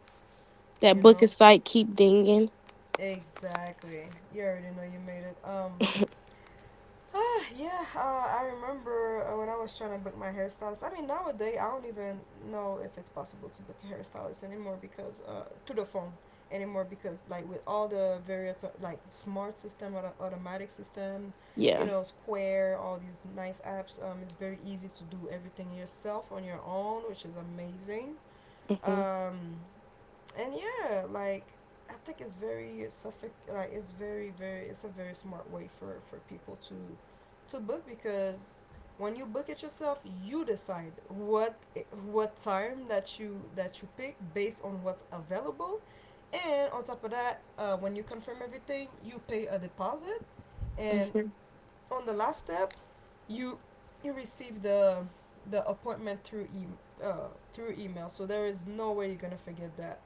You That know? booking site keep dinging. Exactly. You already know you made it. Um. Ah, yeah, I remember when I was trying to book my hairstylist. I mean, nowadays I don't even know if it's possible to book a hairstylist anymore because like with all the various like smart system, automatic system, you Yeah. know, Square, all these nice apps, it's very easy to do everything yourself on your own, which is amazing. Mm-hmm. Um, and I think it's very very it's a very smart way for people to book because when you book it yourself, you decide what time that you pick based on what's available, and on top of that, when you confirm everything, you pay a deposit, and Mm-hmm. on the last step, you you receive the appointment through email. So there is no way you're gonna forget that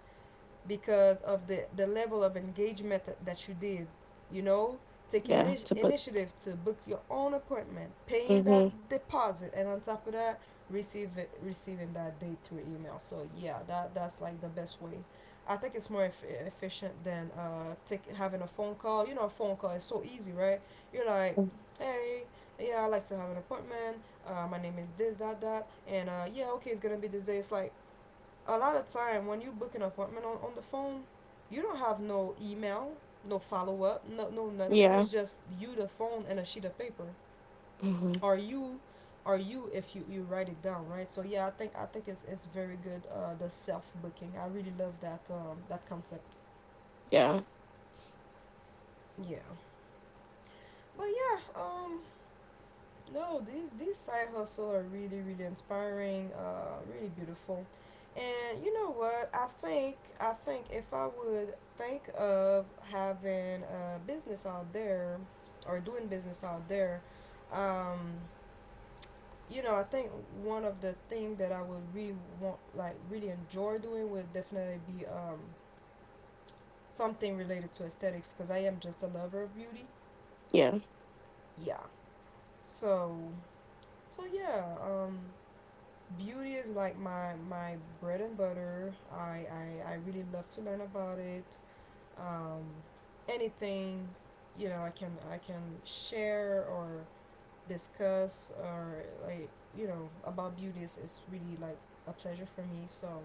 because of the level of engagement that you did. You know, take Yeah. To book. initiative to book your own appointment, paying that Mm-hmm. deposit, and on top of that, receiving that date through email. So yeah, that's like the best way. I think it's more efficient than having a phone call. You know, a phone call is so easy, right? You're like, Mm. hey, yeah, I'd like to have an appointment. My name is this, that, that, and yeah, okay, it's gonna be this day. It's like a lot of time when you book an appointment on the phone, you don't have no email, no follow up, no nothing. Yeah. It's just you the phone and a sheet of paper. Hmm. Or you or you if you, You write it down, right? So yeah, I think it's very good, the self booking. I really love that that concept. Yeah. Yeah. But yeah, no, these side hustle are really really inspiring, really beautiful, and you know what? I think if I would think of having a business out there, or doing business out there, um, you know, I think one of the thing that I would really want, like really enjoy doing, would definitely be something related to aesthetics, because I am just a lover of beauty. Yeah. Yeah. So so yeah. Beauty is like my bread and butter. I really love to learn about it. Um, anything, you know, I can share or discuss or like you know about beauty is it's really like a pleasure for me. So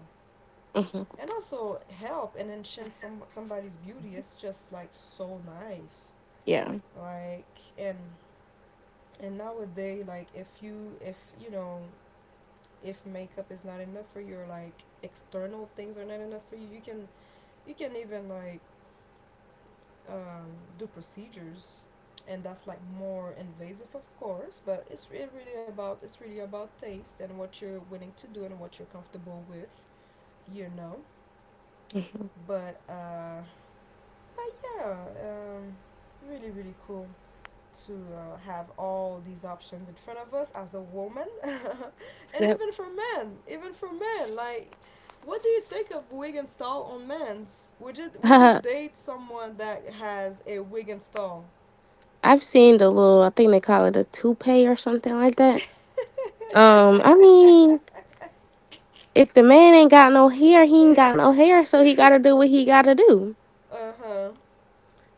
Hmm. and also help and enhance somebody's beauty. It's just like so nice. Yeah. Like and and nowadays like if you know if makeup is not enough for you or like external things are not enough for you you can even like um, do procedures, and that's like more invasive of course, but it's really about taste and what you're willing to do and what you're comfortable with, you know, Hmm. but uh but yeah, um really really cool to have all these options in front of us as a woman. And Yep. even for men, like what do you think of wig and stall on men's? Would you date someone that has a wig and stall? I've seen the little, I think they call it a toupee or something like that. I mean, if the man ain't got no hair, he ain't got no hair, so he got to do what he got to do. Uh-huh.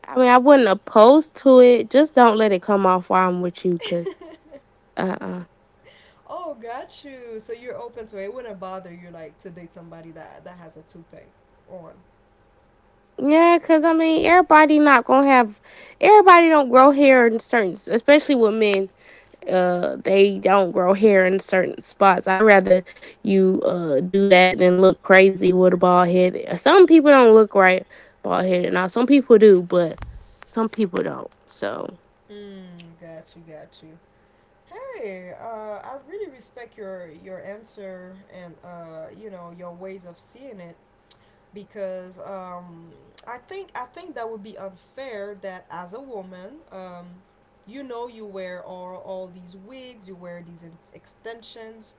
I mean, I wouldn't oppose to it. Just don't let it come off while I'm with you, cause uh uh Oh, got you. So you're open to it? It wouldn't bother you like to date somebody that has a toupee on? Yeah, cause I mean, everybody not gonna have, everybody don't grow hair in certain, especially with men. They don't grow hair in certain spots. I rather you do that than look crazy with a bald head. Some people don't look right bald headed. Now some people do, but some people don't. So Mm, got you. Hey, I really respect your answer and you know, your ways of seeing it, because I think that would be unfair that as a woman, you know, you wear all these wigs, you wear these extensions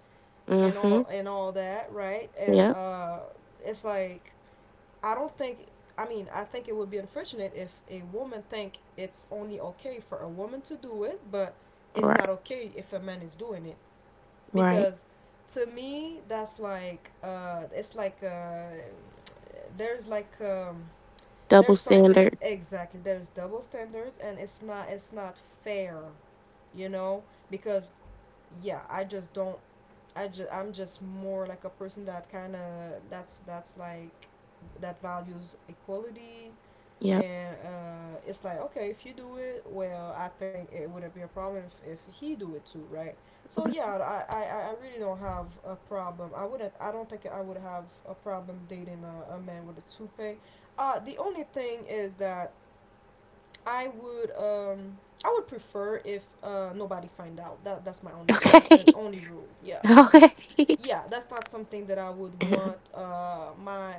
mhm. And all that, right? And Yep. It's like I don't think. I mean, I think it would be unfortunate if a woman think it's only okay for a woman to do it, but it's Right. not okay if a man is doing it, Right. because to me that's like it's like there's like Double there's something standard. exactly there's double standards and it's not fair, you know, because yeah I just don't I just I'm just more like a person that kind of that's like that values equality, Yep. and it's like okay, if you do it well I think it wouldn't be a problem if, he do it too, right? So yeah, Right. I really don't have a problem. I wouldn't. I don't think I would have a problem dating a man with a toupee. The only thing is that I would um I would prefer if nobody find out. That's my only thing and Okay. only rule. Yeah, Okay. yeah. That's not something that I would want my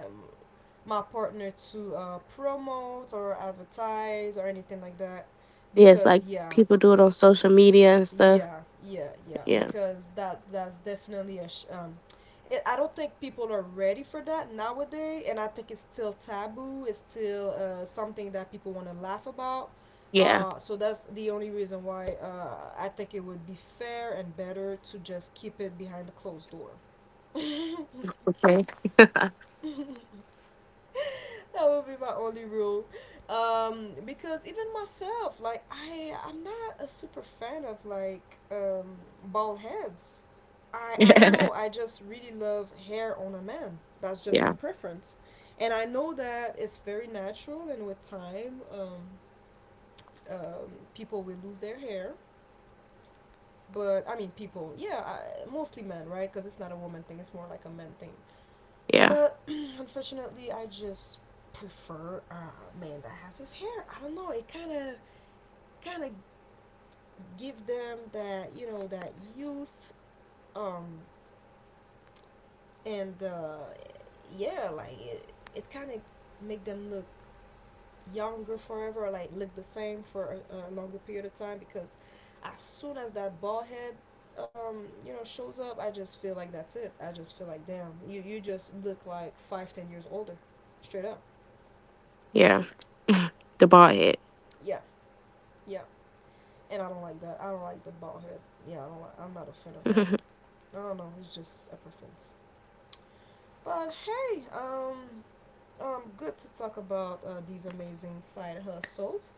my partner to promote or advertise or anything like that, Yes, because like people do it on social media and stuff. yeah. Yeah. Because that's definitely a. I don't think people are ready for that nowadays, and I think it's still taboo. It's still something that people want to laugh about. Yeah. So that's the only reason why I think it would be fair and better to just keep it behind a closed door. Okay. That would be my only rule. Because even myself, like I'm not a super fan of like bald heads. I don't know, I just really love hair on a man. That's just my Yeah, preference. And I know that it's very natural, and with time people will lose their hair, but I mean, people, yeah, mostly men, right? Because it's not a woman thing, it's more like a man thing. yeah, But unfortunately, I just prefer a man that has his hair. I don't know. It kind of give them that, you know, that youth, um, and yeah, like it kind of make them look younger forever, or like look the same for a longer period of time. Because as soon as that bald head. You know, shows up. I just feel like that's it. I just feel like, damn, you just look like five, 10 years older, straight up. yeah. The bald head. Yeah, yeah. And I don't like that. I don't like the bald head. Yeah, I don't like. I'm not a fan of that. I don't know. It's just a preference. But hey, good to talk about these amazing side hustles.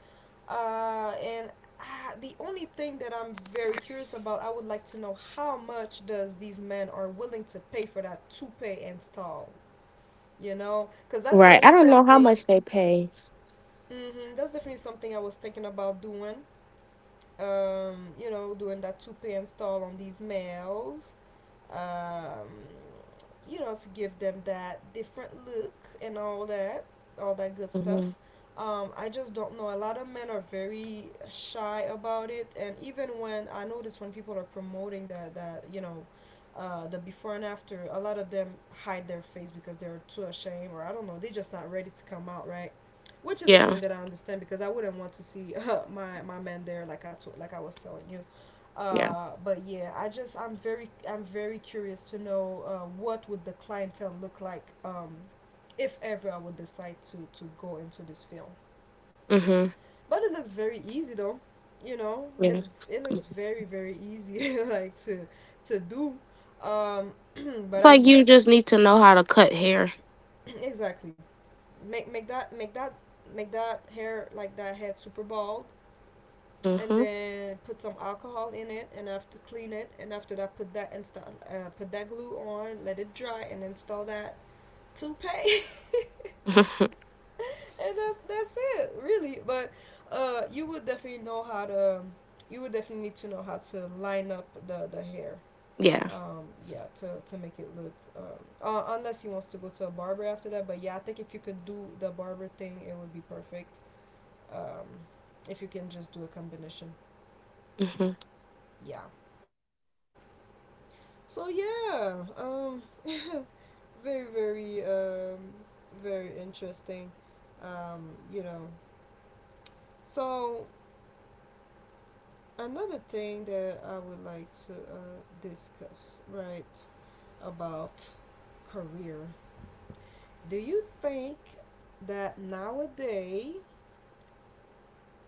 And the only thing that I'm very curious about, I would like to know how much does these men are willing to pay for that toupee and style. You know, because that's Right. I definitely don't know how much something. they pay. Hmm, that's definitely something I was thinking about doing. You know, doing that two pay install on these males, um, you know, to give them that different look and all that good Mhm. stuff. I just don't know. A lot of men are very shy about it, and even when I notice when people are promoting that, you know, the before and after, a lot of them hide their face because they're too ashamed, or I don't know, they're just not ready to come out, right? Which is a Yeah, thing that I understand because I wouldn't want to see my my man there like like I was telling you. yeah. But yeah, I'm very curious to know what would the clientele look like, if ever I would decide to go into this film. Mhm. But it looks very easy though, you know. Yeah. It Mm. looks very very easy like to do. Um, It's but I like do you just need to know how to cut hair. exactly make make that make that make that hair like that head super bald, and Mhm. then put some alcohol in it and I have to clean it, and after that put that install, put that glue on, let it dry and install that toupee. And that's it really. But uh you would definitely know how to you would definitely need to know how to line up the hair, Yeah. Yeah, to make it look unless he wants to go to a barber after that. But yeah, I think if you could do the barber thing it would be perfect, um if you can just do a combination. Mhm. Yeah. So yeah, very very very interesting. You know, so another thing that I would like to discuss, right, about career. Do you think that nowadays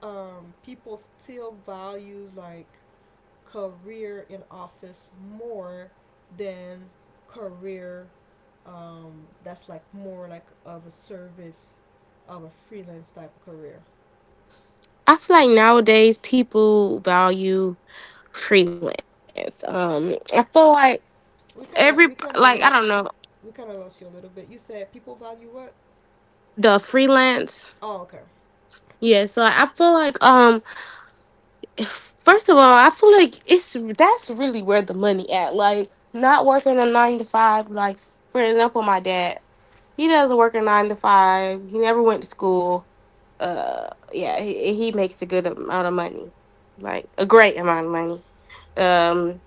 people still values like career in office more than career, that's like more like of a service, of a freelance type of career. I feel like nowadays people value freelance. I feel like every We like kind I of don't know. lost we kind of lost you a little bit. You said people value what? The freelance. Oh, okay. Yeah, so I feel like first of all, I feel like it's that's really where the money at. Like, not working a 9 to 5. Like for example, my dad, he doesn't work a 9 to 5. He never went to school. Yeah, he makes a good amount of money, like a great amount of money. Um,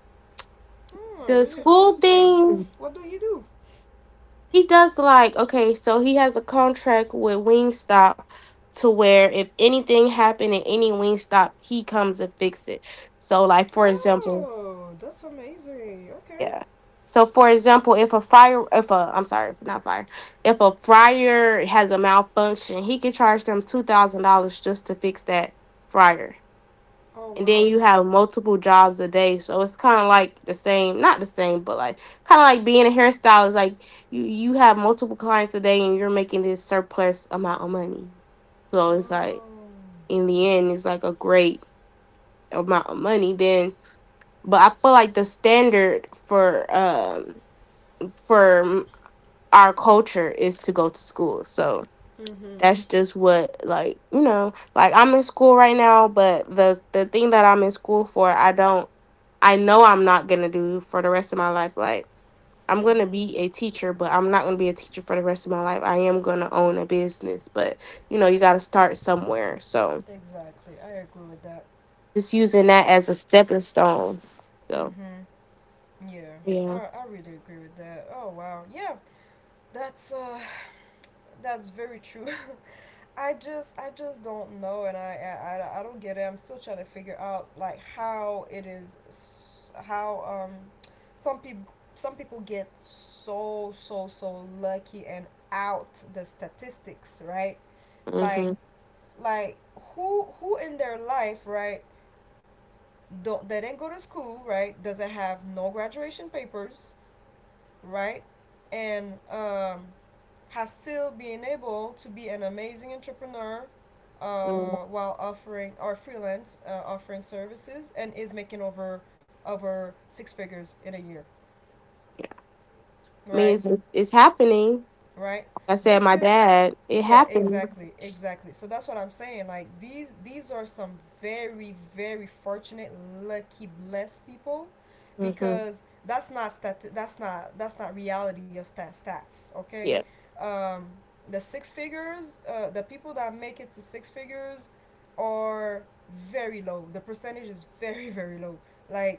Oh, the really school interesting. thing, What do you do? he does like, okay, so he has a contract with Wingstop to where if anything happened at any Wingstop, he comes and fix it. So, like for example, Oh, that's amazing. Okay. yeah. So for example, if a fire, if a, I'm sorry, not fire. If a fryer has a malfunction, he can charge them $2,000 just to fix that fryer. Oh And then wow. you have multiple jobs a day. So it's kinda like the same, not the same, but like kinda like being a hairstylist. Like you have multiple clients a day and you're making this surplus amount of money. So it's like Oh. in the end it's like a great amount of money then. But I feel like the standard for our culture is to go to school. So Mhm. that's just what, like, you know, like I'm in school right now, but the thing that I'm in school for, I know I'm not going to do for the rest of my life. Like I'm going to Mhm. be a teacher, but I'm not going to be a teacher for the rest of my life. I am going to own a business, but you know, you got to start somewhere. So Exactly. I agree with that. just using that as a stepping stone. So, Mhm. Yeah, yeah. I really agree with that. Oh wow, yeah, that's that's very true. I just don't know, and, I don't get it. I'm still trying to figure out like how it is, how some people get so lucky and out the statistics, right? Like Mhm. like who in their life, right? Don't They didn't go to school, right? Doesn't have no graduation papers, right? And has still been able to be an amazing entrepreneur, Yeah. While offering or freelance, offering services, and is making over six figures in a year, I mean, right? it's happening. Right. Like I said, This my is dad, it yeah, happened. Exactly, so that's what I'm saying. Like these are some very very fortunate, lucky, blessed people, Hmm. because that's not reality of stats, okay? Yeah. um the six figures, the people that make it to six figures are very low. The percentage is very very low, like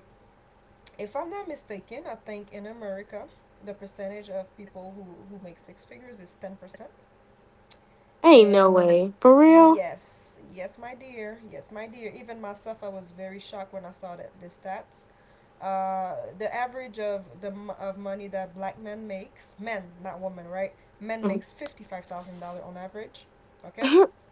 if I'm not mistaken, I think in America the percentage of people who make six figures is 10%. Ain't no And way. For real? yes, yes, my dear. Yes, my dear. Even myself, I was very shocked when I saw that the stats. The average of the m- of money that black men makes, men, not women, right? Men Mhm. makes $55,000 on average. Okay,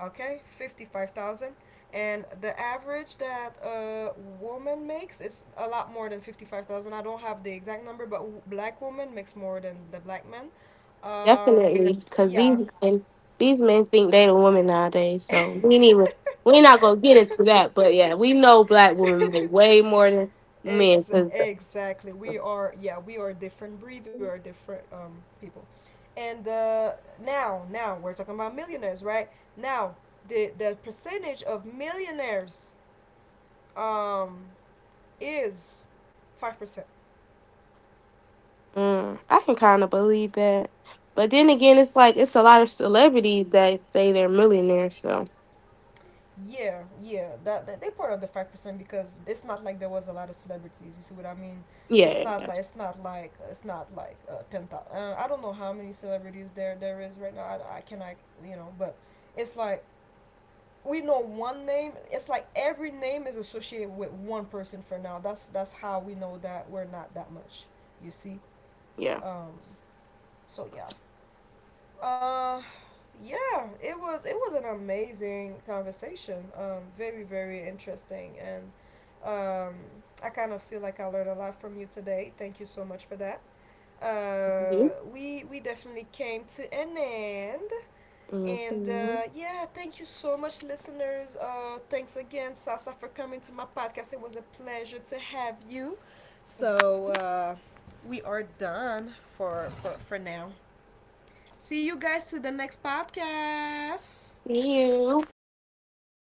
okay, 55,000. And the average that a woman makes is a lot more than 55,000. I don't have the exact number, but black woman makes more than the black man. Um, Definitely. Because these yeah, men, these men think they the woman nowadays. So we ain't even, we're not going to get into that. But yeah, we know black women make way more than men. Because exactly. We are, yeah, we are different breed. We are different people. And now, now we're talking about millionaires, right? Now, the percentage of millionaires um, is 5%. I can kind of believe that. But then again, it's like, it's a lot of celebrities that say they're millionaires. So Yeah, yeah, that they part of the 5%, because it's not like there was a lot of celebrities. You see what I mean? It's yeah. not like it's not like it's not like 10,000. I don't know how many celebrities there is right now. I can, you know, but it's like we know one name. It's like every name is associated with one person for now. That's how we know that we're not that much. You see? Yeah. Um, so yeah, uh, yeah, it was an amazing conversation. Very very interesting, and um, I kind of feel like I learned a lot from you today. Thank you so much for that. Mhm. We definitely came to an end. And Mhm. Yeah, thank you so much, listeners. Thanks again, Sasa, for coming to my podcast. It was a pleasure to have you. So we are done for now. See you guys to the next podcast. See you.